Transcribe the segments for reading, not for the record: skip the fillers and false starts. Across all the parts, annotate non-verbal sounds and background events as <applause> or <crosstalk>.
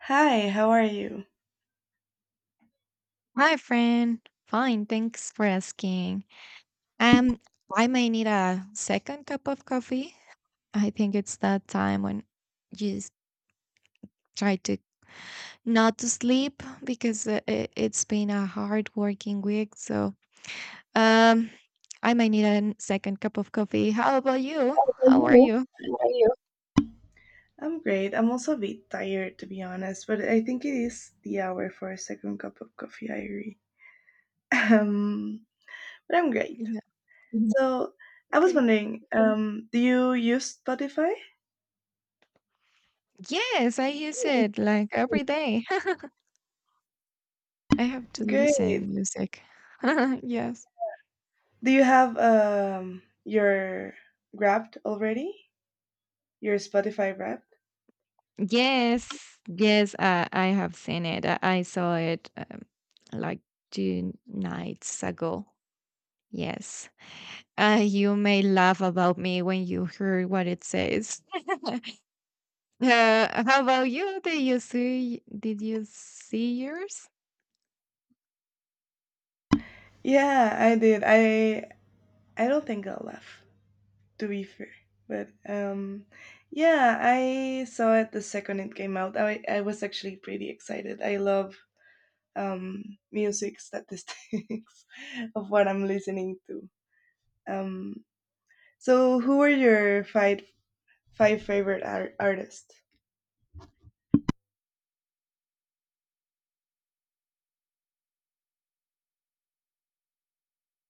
Hi, how are you? Hi, friend. Fine, thanks for asking. Um, I may need a second cup of coffee. I think it's that time when you s- try to not to sleep because it's been a hard working week. So, um, I may need a second cup of coffee. How about you? How are Hello, you? how are you? I'm great. I'm also a bit tired to be honest, but I think it is the hour for a second cup of coffee, I agree. <laughs> Um, but I'm great. Yeah. Mhm. So I was Okay. wondering, do you use Spotify? Yes, I use it like every day. <laughs> I have to Great. listen music. <laughs> Yes. Do you have your Wrapped already? Your Spotify Wrapped? Yes, yes, I have seen it. I saw it like 2 nights ago. Yes. You may laugh about me when you hear what it says. <laughs> How about you? Did you see yours? Yeah, I did. I don't think I'll laugh, to be fair. But yeah, I saw it the second it came out. I was actually pretty excited. I love um, music statistics <laughs> of what I'm listening to. Um, so, who are your five favorite artists?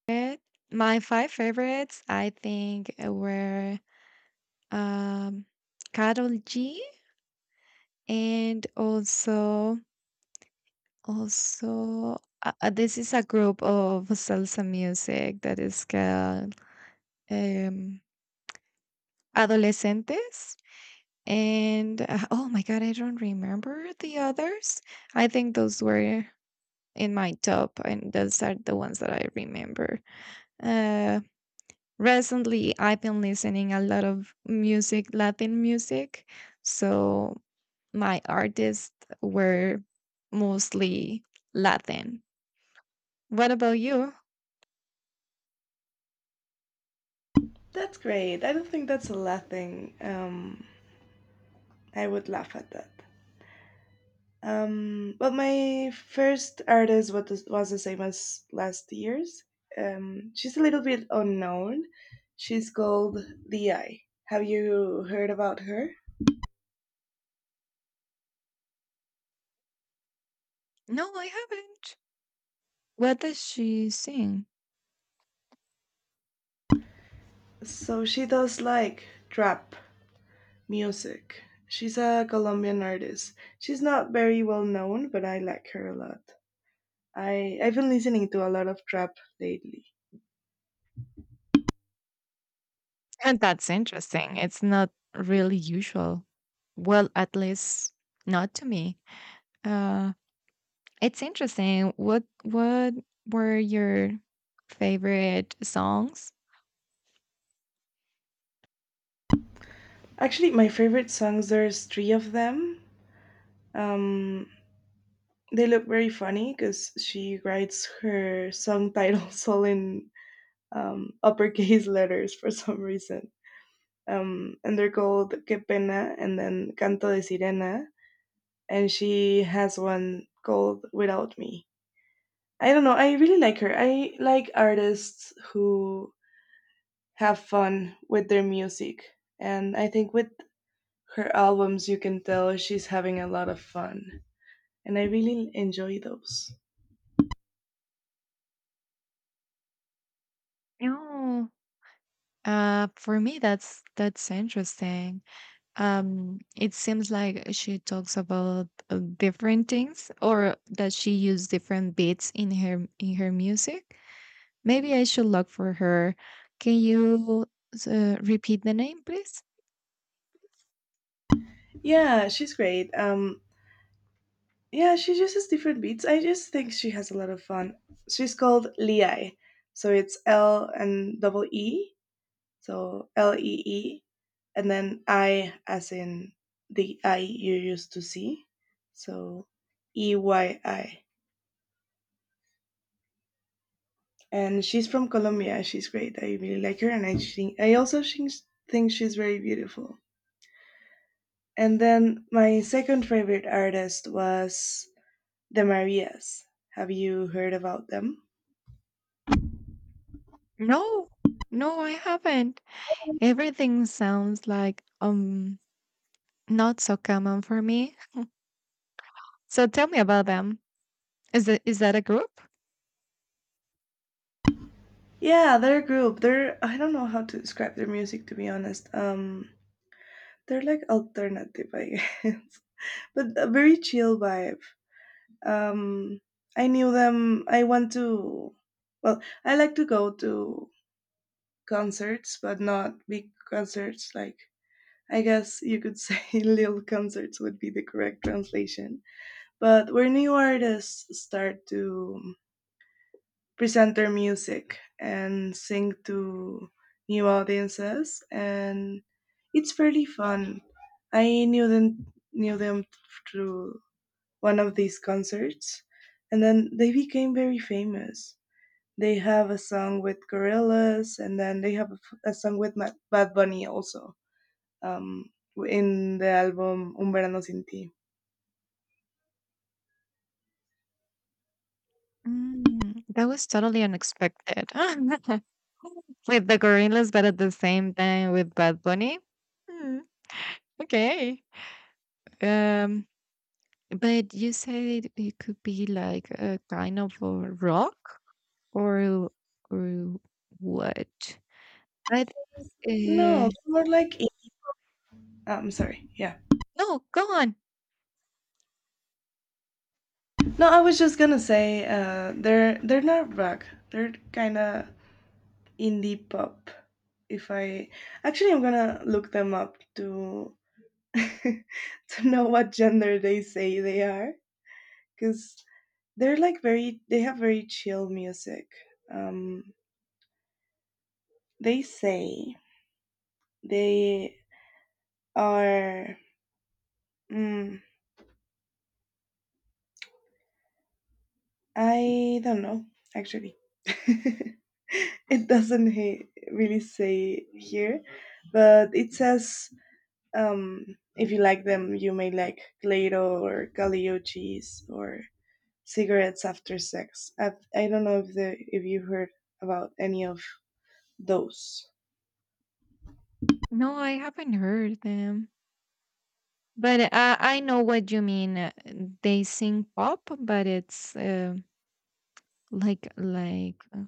Eh, My five favorites, I think, were um Carol G and also. Also, this is a group of salsa music that is called um, Adolescentes. And oh my God, I don't remember the others. I think those were in my top, and those are the ones that I remember. Uh, Recently, I've been listening a lot of music, Latin music. So, my artists were mostly Latin. What about you? That's great. I don't think that's a laughing. I would laugh at that. But my first artist was the same as last year's. She's a little bit unknown. She's called Di. Have you heard about her? No, I haven't. What does she sing? So she does like trap music. She's a Colombian artist. She's not very well known, but I like her a lot. I've been listening to a lot of trap lately. And that's interesting. It's not really usual. Well, at least not to me. Uh, it's interesting. What were your favorite songs? Actually, my favorite songs there's three of them. Um, They look very funny because she writes her song titles <laughs> all in uppercase <laughs> letters for some reason. And they're called Que Pena and then Canto de Sirena. And she has one called Without Me. I don't know. I really like her. I like artists who have fun with their music. And I think with her albums, you can tell she's having a lot of fun. And I really enjoy those. No. For me, that's interesting. It seems like she talks about different things, or that she used different beats in her music. Maybe I should look for her. Can you repeat the name, please? Yeah, she's great. Yeah, she uses different beats. I just think she has a lot of fun. She's called Liai. So it's L and double E. So Lee. And then I as in the I you used to see. So Eyi. And she's from Colombia. She's great. I really like her. And I also think she's very beautiful. And then my second favorite artist was the Marias. Have you heard about them? No, no, I haven't. Everything sounds like not so common for me. So tell me about them. Is that a group? Yeah, they're a group. They're I don't know how to describe their music to be honest. They're like alternative, I guess. <laughs> But a very chill vibe. Um I knew them. I want to Well, I like to go to concerts, but not big concerts, like I guess you could say <laughs> little concerts would be the correct translation. But where new artists start to present their music and sing to new audiences, and it's fairly fun. I knew them through one of these concerts, and then they became very famous. They have a song with Gorillaz, and then they have a song with bad bunny also um in the album un verano sin ti. That was totally unexpected. <laughs> With the gorillas, but at the same time with Bad Bunny. Hmm, okay. Um, but you said it could be like a kind of a rock. Or or what? I think, No, uh more like, I'm sorry, yeah. no, go on. No, I was just gonna say they're not rock. They're kind of indie pop. If I actually, I'm gonna look them up to <laughs> to know what gender they say they are, because they have very chill music. Um, they say they are. Mm, I don't know actually. <laughs> It doesn't really say here, but it says, Um, if you like them, you may like Clairo or Galileo cheese or cigarettes after sex. I don't know if the if you heard about any of those. No, I haven't heard them. But I know what you mean. They sing pop, but it's like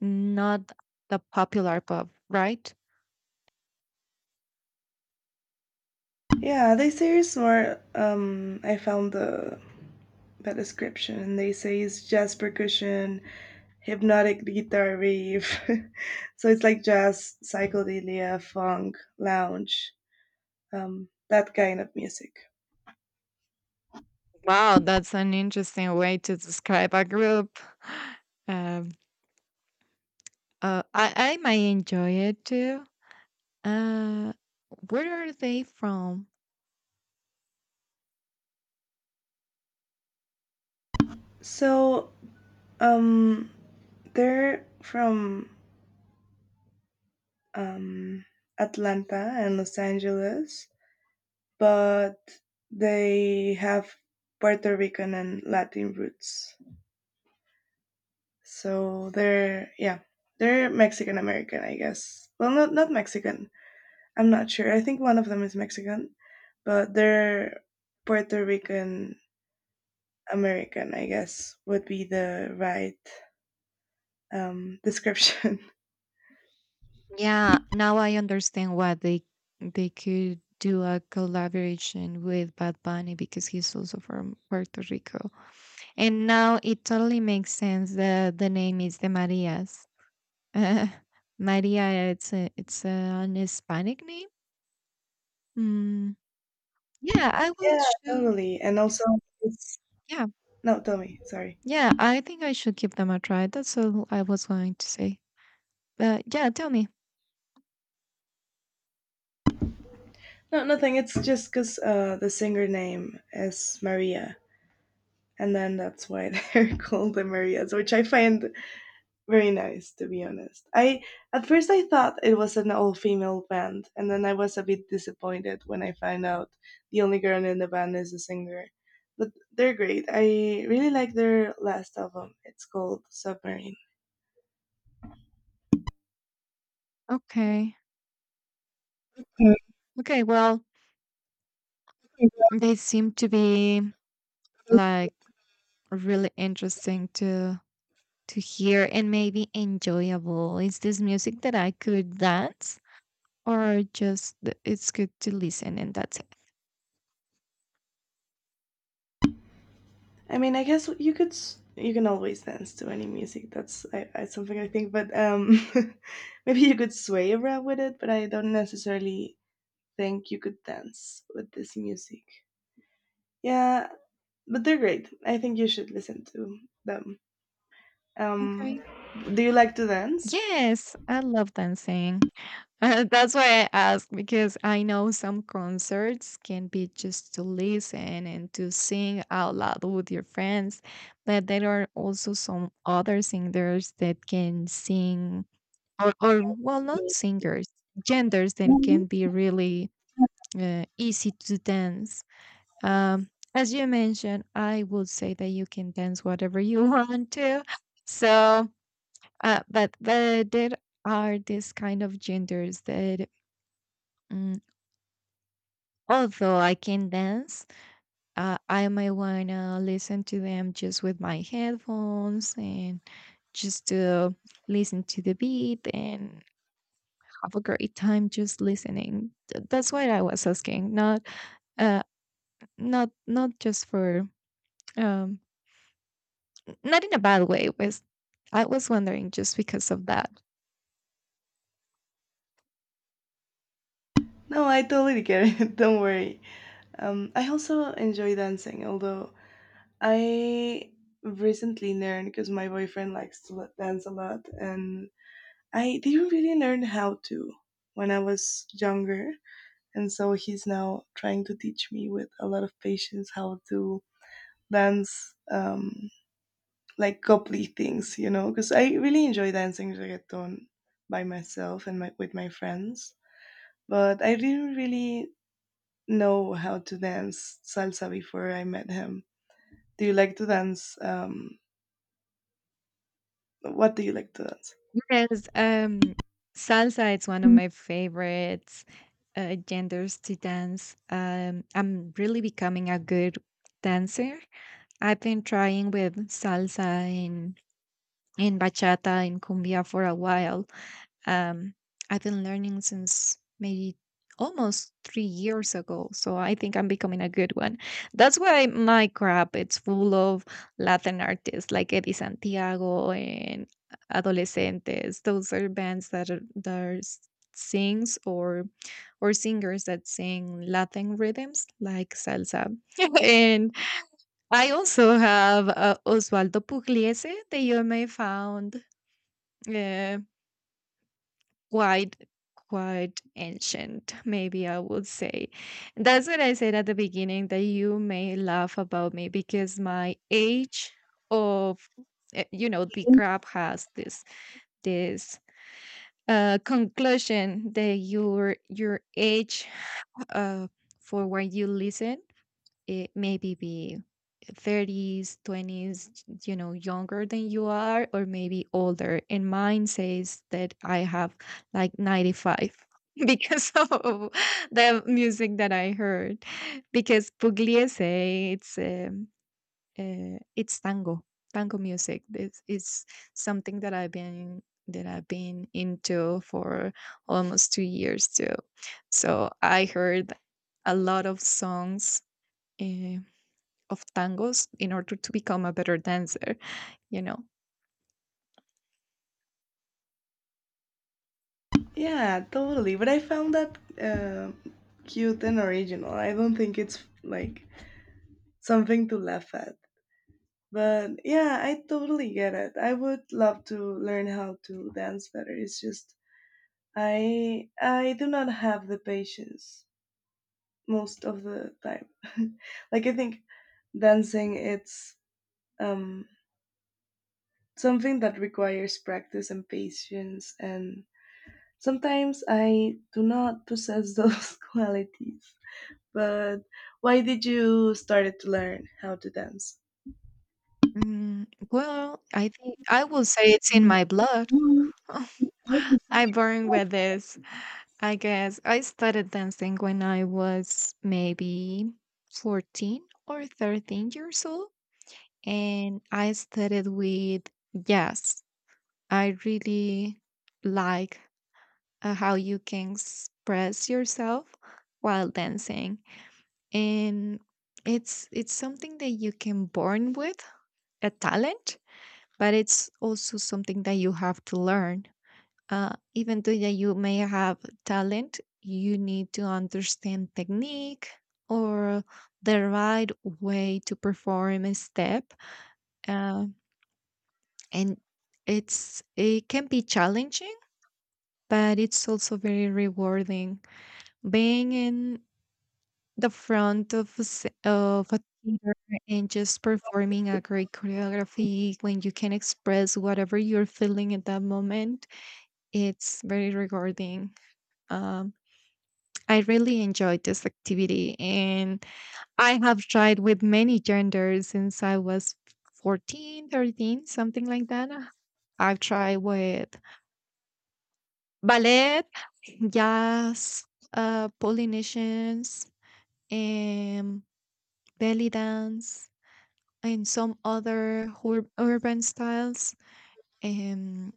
not the popular pop, right? Yeah, they say it's more. I found the description, and they say it's jazz percussion, hypnotic guitar riff. <laughs> So it's like jazz, psychedelia, funk, lounge, that kind of music. Wow, that's an interesting way to describe a group. <sighs> Um, I might enjoy it too. Uh, where are they from? So um, they're from um, Atlanta and Los Angeles, but they have Puerto Rican and Latin roots. So they're, yeah, they're Mexican American, I guess. Well, not Mexican. I'm not sure. I think one of them is Mexican, but they're Puerto Rican American, I guess would be the right description. Yeah, now I understand why they could do a collaboration with Bad Bunny because he's also from Puerto Rico. And now it totally makes sense that the name is the Marias. Uh, <laughs> Maria, it's a, an Hispanic name. Mm, yeah, I <laughs> will Yeah, show. totally. And also, it's, Yeah, no, tell me. Sorry. yeah, I think I should give them a try. That's all I was going to say. But yeah, tell me. No, nothing. It's just because the singer name is Maria, and then that's why they're <laughs> called the Marias, which I find very nice, to be honest. I at first I thought it was an all-female band, and then I was a bit disappointed when I found out the only girl in the band is a singer. But they're great. I really like their last album. It's called Submarine. Okay. Okay, well, they seem to be like really interesting to hear and maybe enjoyable. Is this music that I could dance, or just it's good to listen and that's it? I mean, I guess you could you can always dance to any music. Something I think, but <laughs> maybe you could sway around with it. But I don't necessarily think you could dance with this music. Yeah, but they're great. I think you should listen to them. Um, Okay. do you like to dance? Yes, I love dancing. <laughs> That's why I asked because I know some concerts can be just to listen and to sing out loud with your friends, but there are also some other singers that can sing or well, not singers, genders that Mhm. can be really easy to dance. As you mentioned, I would say that you can dance whatever you <laughs> want to. So, but there are these kind of genders that, mm, although I can dance, I might wanna listen to them just with my headphones and just to listen to the beat and have a great time just listening. That's what I was asking, not uh, not just for um not in a bad way, was I was wondering just because of that. No, I totally get it. <laughs> Don't worry. I also enjoy dancing, although I recently learned because my boyfriend likes to dance a lot, and I didn't really learn how to when I was younger. And so he's now trying to teach me with a lot of patience how to dance like coupley things, because I really enjoy dancing reggaeton by myself and with my friends. But I didn't really know how to dance salsa before I met him. Do you like to dance? What do you like to dance? Yes, salsa is one of my favorites genders to dance. I'm really becoming a good dancer. I've been trying with salsa and bachata and cumbia for a while. Um, I've been learning since maybe almost 3 years ago, so I think I'm becoming a good one. That's why my crap it's full of Latin artists like Eddie Santiago and Adolescentes. Those are bands that are s- sings or singers that sing Latin rhythms like salsa. <laughs> And I also have Osvaldo Pugliese that you may found. eh, quite quite ancient, maybe, I would say. That's what I said at the beginning, that you may laugh about me because my age of. You know, the crab has this conclusion that your age, uh for when you listen, it maybe be 30s, 20s, younger than you are, or maybe older. And mine says that I have like 95 <laughs> because of the music that I heard, because Pugliese it's um, it's tango, tango music. This is something that I've been into for almost 2 years too. So I heard a lot of songs uh, of tangos in order to become a better dancer, you know. Yeah, totally. But I found that cute and original. I don't think it's like something to laugh at. But yeah, I totally get it. I would love to learn how to dance better. It's just I do not have the patience most of the time. <laughs> Like I think dancing it's um something that requires practice and patience, and sometimes I do not possess those <laughs> qualities. But why did you started to learn how to dance? Mm, well, I think I will say it's in Mhm. my blood. <laughs> I born with this. I guess I started dancing when I was maybe 14 or 13 years old. And I started with jazz. I really like how you can express yourself while dancing. And it's something that you can born with, a talent, but it's also something that you have to learn. Even though that you may have talent, you need to understand technique or the right way to perform a step. Uh, and it can be challenging, but it's also very rewarding. Being in the front of a theater and just performing a great choreography when you can express whatever you're feeling at that moment, it's very rewarding. Um, I really enjoyed this activity, and I have tried with many genders since I was 14, 13, something like that. I've tried with ballet, jazz, Polynesians, and belly dance, and some other urban styles. And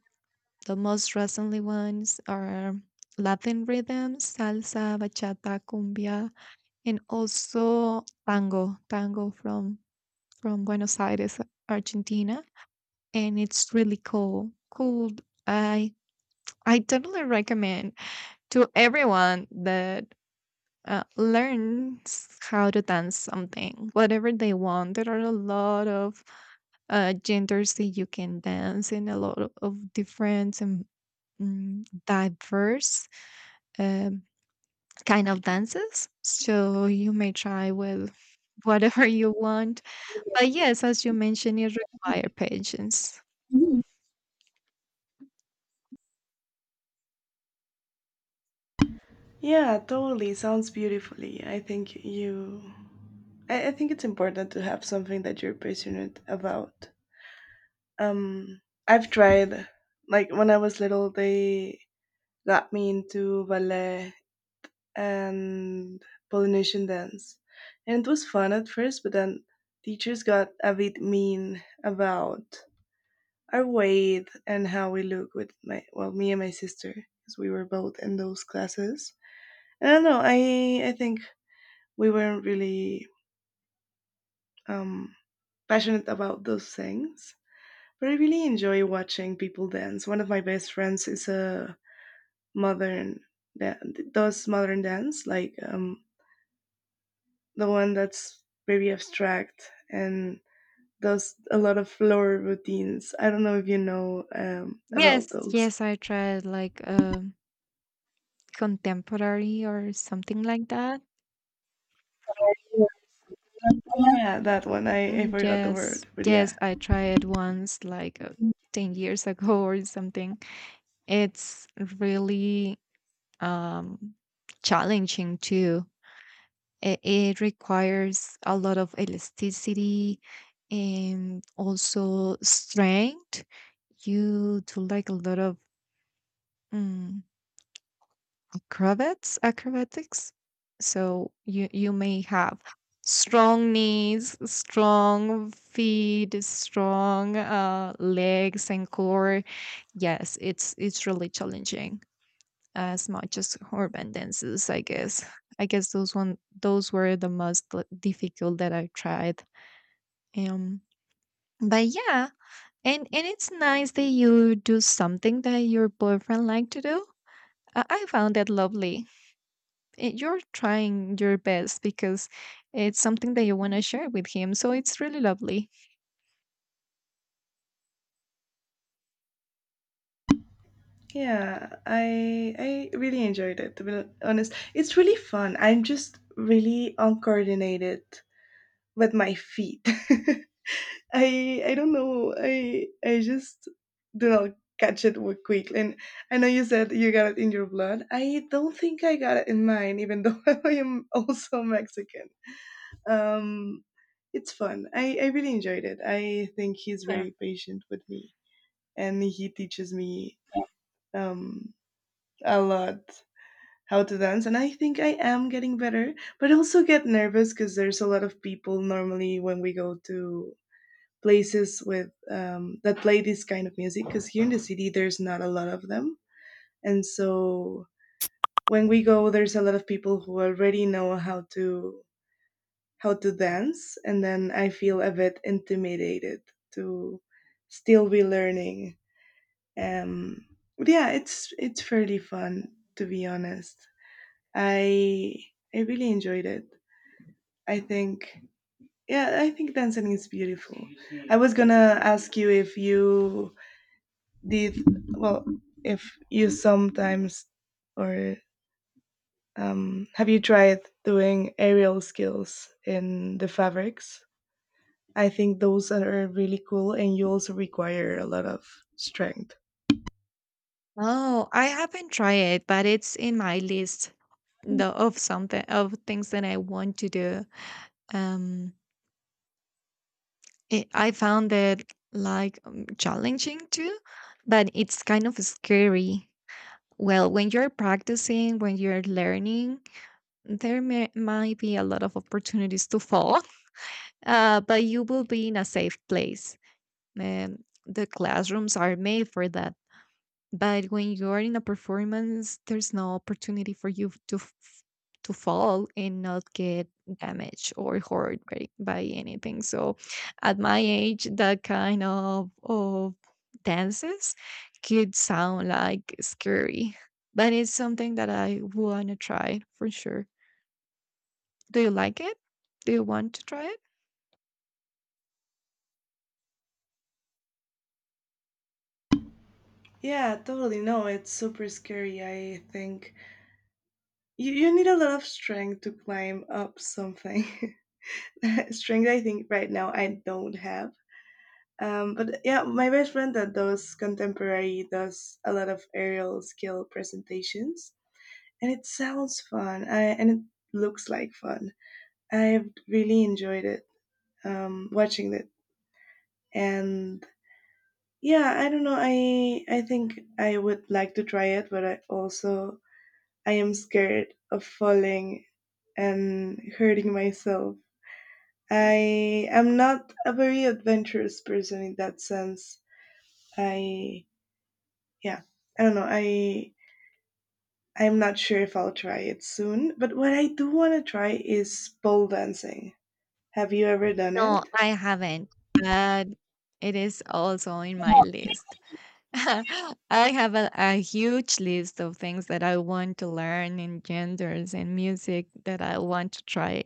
the most recently ones are Latin rhythms, salsa, bachata, cumbia, and also tango, tango from Buenos Aires, Argentina, and it's really cool. Cool. I I totally recommend to everyone that learns how to dance something, whatever they want. There are a lot of genders that you can dance, and a lot of different and, diverse um, kind of dances. So you may try with whatever <laughs> you want. But yes, as you mentioned, it require patience. Mhm. Yeah, totally. Sounds beautifully. I think it's important to have something that you're passionate about. Um, I've tried, like when I was little, they got me into ballet and Polynesian dance, and it was fun at first. But then teachers got a bit mean about our weight and how we look, with my well, me and my sister, because we were both in those classes, and I don't know, I think we weren't really um passionate about those things. But I really enjoy watching people dance. One of my best friends is a modern that does modern dance, like the one that's very abstract and does a lot of floor routines. I don't know if you know, about Yes, those. yes, I tried like contemporary or something like that. Yeah, that one. I Mm, forgot the yes, word, but yes, yeah. I tried once like 10 years <laughs> ago or something. It's really um challenging too. It requires a lot of elasticity and also strength. You do like a lot of um, acrobats, acrobatics. So you may have strong knees, strong feet, strong legs and core. Yes, it's really challenging as much as urban dances, I guess. Those were the most, like, difficult that I tried um but yeah. And it's nice that you do something that your boyfriend like to do. I found that lovely. You're trying your best because it's something that you want to share with him, so it's really lovely. Yeah, I really enjoyed it, to be honest. It's really fun. I'm just really uncoordinated with my feet. <laughs> I don't know. I just do not catch it quick. And I know you said you got it in your blood. I don't think I got it in mine, even though <laughs> I am also Mexican. Um, it's fun. I really enjoyed it. I think he's Yeah. very patient with me, and he teaches me um, a lot how to dance, and I think I am getting better. But I also get nervous because there's a lot of people, normally when we go to places with that play this kind of music, because here in the city there's not a lot of them. And so when we go, there's a lot of people who already know how to dance, and then I feel a bit intimidated to still be learning. Um, but yeah, it's fairly fun, to be honest. I I really enjoyed it. I think, yeah, I think dancing is beautiful. I was gonna ask you if you did, well, if you sometimes or have you tried doing aerial skills in the fabrics? I think those are really cool, and you also require a lot of strength. Oh, I haven't tried it, but it's in my list, of something of things that I want to do. Um, I found it like challenging too, but it's kind of scary. Well, when you're practicing, when you're learning, there might be a lot of opportunities to fall, <laughs> but you will be in a safe place. The classrooms are made for that, but when you're in a performance, there's no opportunity for you to to fall and not get damaged or hurt by anything. So at my age, that kind of dances could sound like scary, but it's something that I want to try for sure. Do you like it? Do you want to try it? Yeah, totally. No, it's super scary. I think you need a lot of strength to climb up something. <laughs> Strength, I think right now I don't have. But yeah, my best friend that does contemporary does a lot of aerial skill presentations, and it sounds fun, and it looks like fun. I've really enjoyed it, watching it. And yeah, I don't know. I think I would like to try it, but I am scared of falling and hurting myself. I am not a very adventurous person in that sense. I, yeah, I don't know. I'm not sure if I'll try it soon, but what I do want to try is pole dancing. Have you ever done No, it? I haven't, but it is also in my list. <laughs> I have a huge list of things that I want to learn in genders and music that I want to try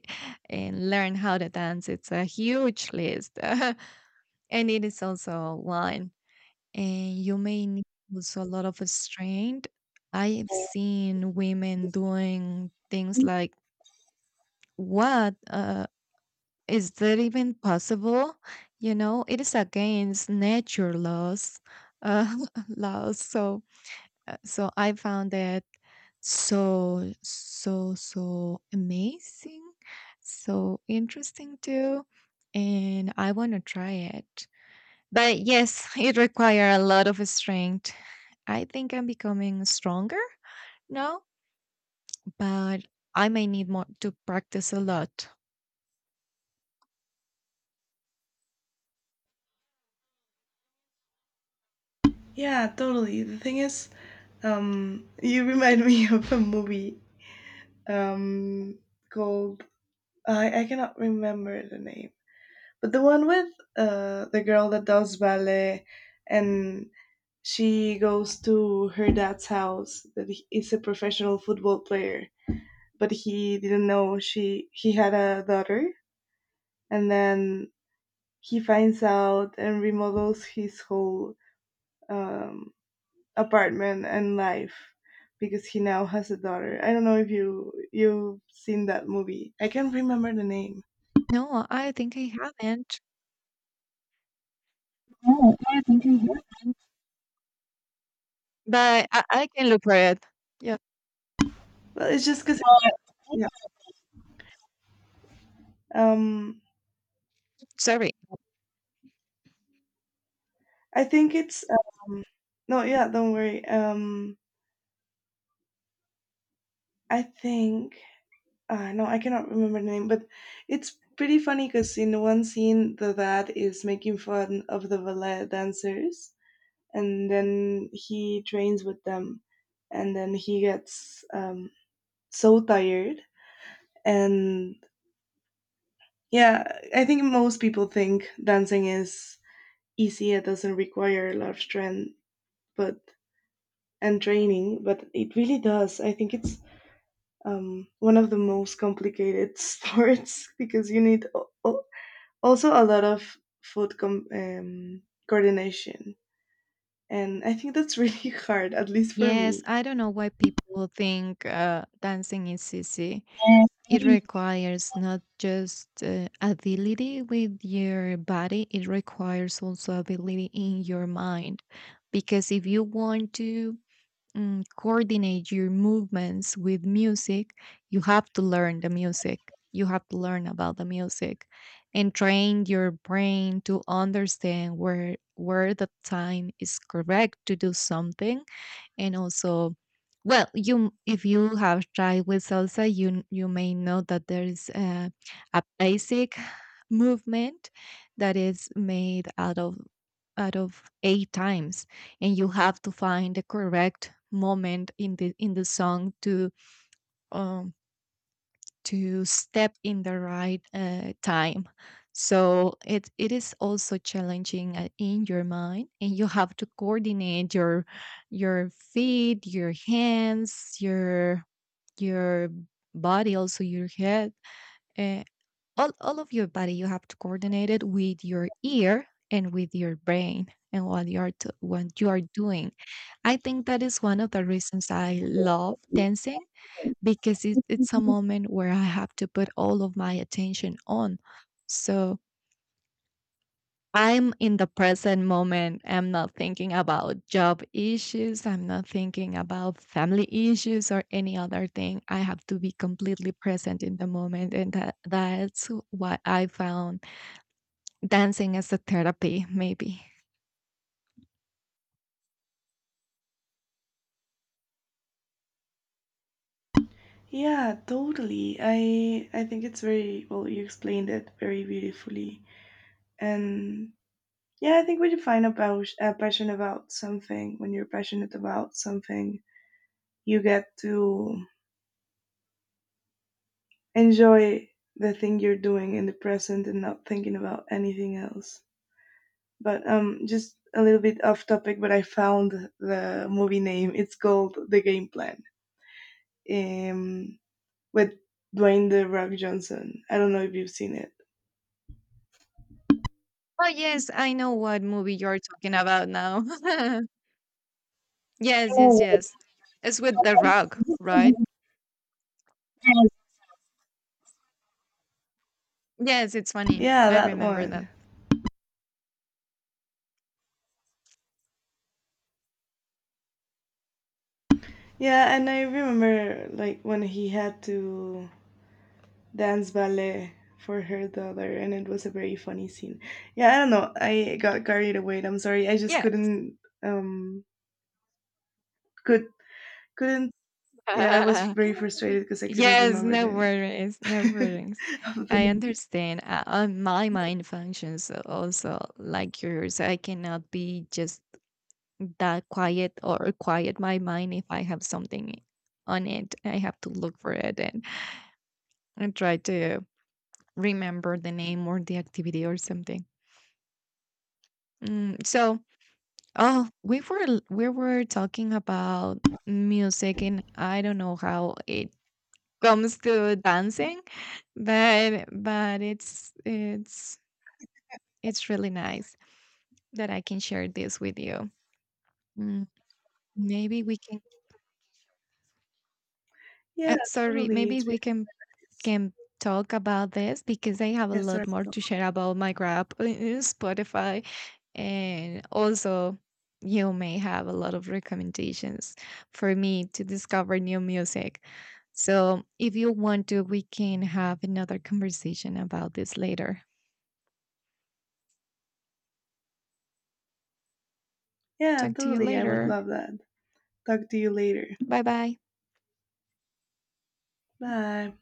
and learn how to dance. It's a huge list. <laughs> And it is also one. And you may need also a lot of strength. I've seen women doing things like, what? Is that even possible? You know, it is against nature laws, uh, <laughs> laws. So I found it so, so, so amazing, so interesting too. And I want to try it. But yes, <laughs> it requires a lot of strength. I think I'm becoming stronger now, but I may need more to practice a lot. Yeah, totally. The thing is, you remind me <laughs> of a movie um called, I cannot remember the name. But the one with the girl that does ballet, and she goes to her dad's house, that he is a professional football player, but he didn't know she he had a daughter, and then he finds out and remodels his whole um, apartment and life because he now has a daughter. I don't know if you've seen that movie. I can't remember the name. No, I think I haven't, Oh, yeah, I think I have. but I can look for it. Yeah, Well, it's just because yeah. Um, sorry. I think it's no, yeah, don't worry. I think no, I cannot remember the name, but it's pretty funny because in one scene, the dad is making fun of the ballet dancers, and then he trains with them, and then he gets so tired, and yeah, I think most people think dancing is easy; it doesn't require a lot of strength, but and training, but it really does. I think it's one of the most complicated <laughs> sports because you need also a lot of foot coordination. And I think that's really <laughs> hard, at least for Yes, me. I don't know why people think dancing is easy. It requires not just ability with your body, it requires also ability in your mind. Because if you want to coordinate your movements with music, you have to learn the music. You have to learn about the music and train your brain to understand where the time is correct to do something. And also, well, you if you have tried with salsa, you may know that there is a basic movement that is made out of eight times. And you have to find the correct moment in the song um, to step in the right time. So it is also challenging in your mind, and you have to coordinate your feet, your hands, your body, also your head, uh, all of your body. You have to coordinate it with your ear and with your brain and what you are doing. I think that is one of the reasons I love dancing, because it's a moment where I have to put all of my attention on. So I'm in the present moment. I'm not thinking about job issues. I'm not thinking about family issues or any other thing. I have to be completely present in the moment. And that's what I found. Dancing as a therapy, maybe. Yeah, totally. I think it's very well. You explained it very beautifully, and yeah, I think when you find a passion about something, when you're passionate about something, you get to enjoy the thing you're doing in the present and not thinking about anything else. But just a little bit off topic, but I found the movie name. It's called The Game Plan, um, with Dwayne The Rock Johnson. I don't know if you've seen it. Oh, yes, I know what movie you're talking about now. <laughs> Yes, yes, <laughs> Oh, yes. It's with The Rock, right? Yes, it's funny. yeah, I that remember one. that. Yeah, and I remember like when he had to dance ballet for her daughter, and it was a very funny scene. Yeah, I don't know. I got carried away. I'm sorry. I just Yeah, couldn't. Um, could couldn't. Yeah, I was very frustrated <laughs> because I couldn't yes, remember the no name. worries, <laughs> no worries. of the I movie. understand. On my mind functions also like yours. I cannot be just that quiet, or quiet my mind if I have something on it. I have to look for it and try to remember the name or the activity or something. Mm, so, oh, we were talking about music, and I don't know how it comes to dancing, but it's really nice that I can share this with you. Mm, maybe we can. Yeah, Sorry, totally. maybe It's we beautiful. can talk about this because I have a Yeah, sorry. lot more to share about my grab <laughs> in Spotify, and also you may have a lot of recommendations for me to discover new music. So if you want to, we can have another conversation about this later. Yeah, Talk to you totally. I would later. love that. Talk to you later. Bye bye. Bye.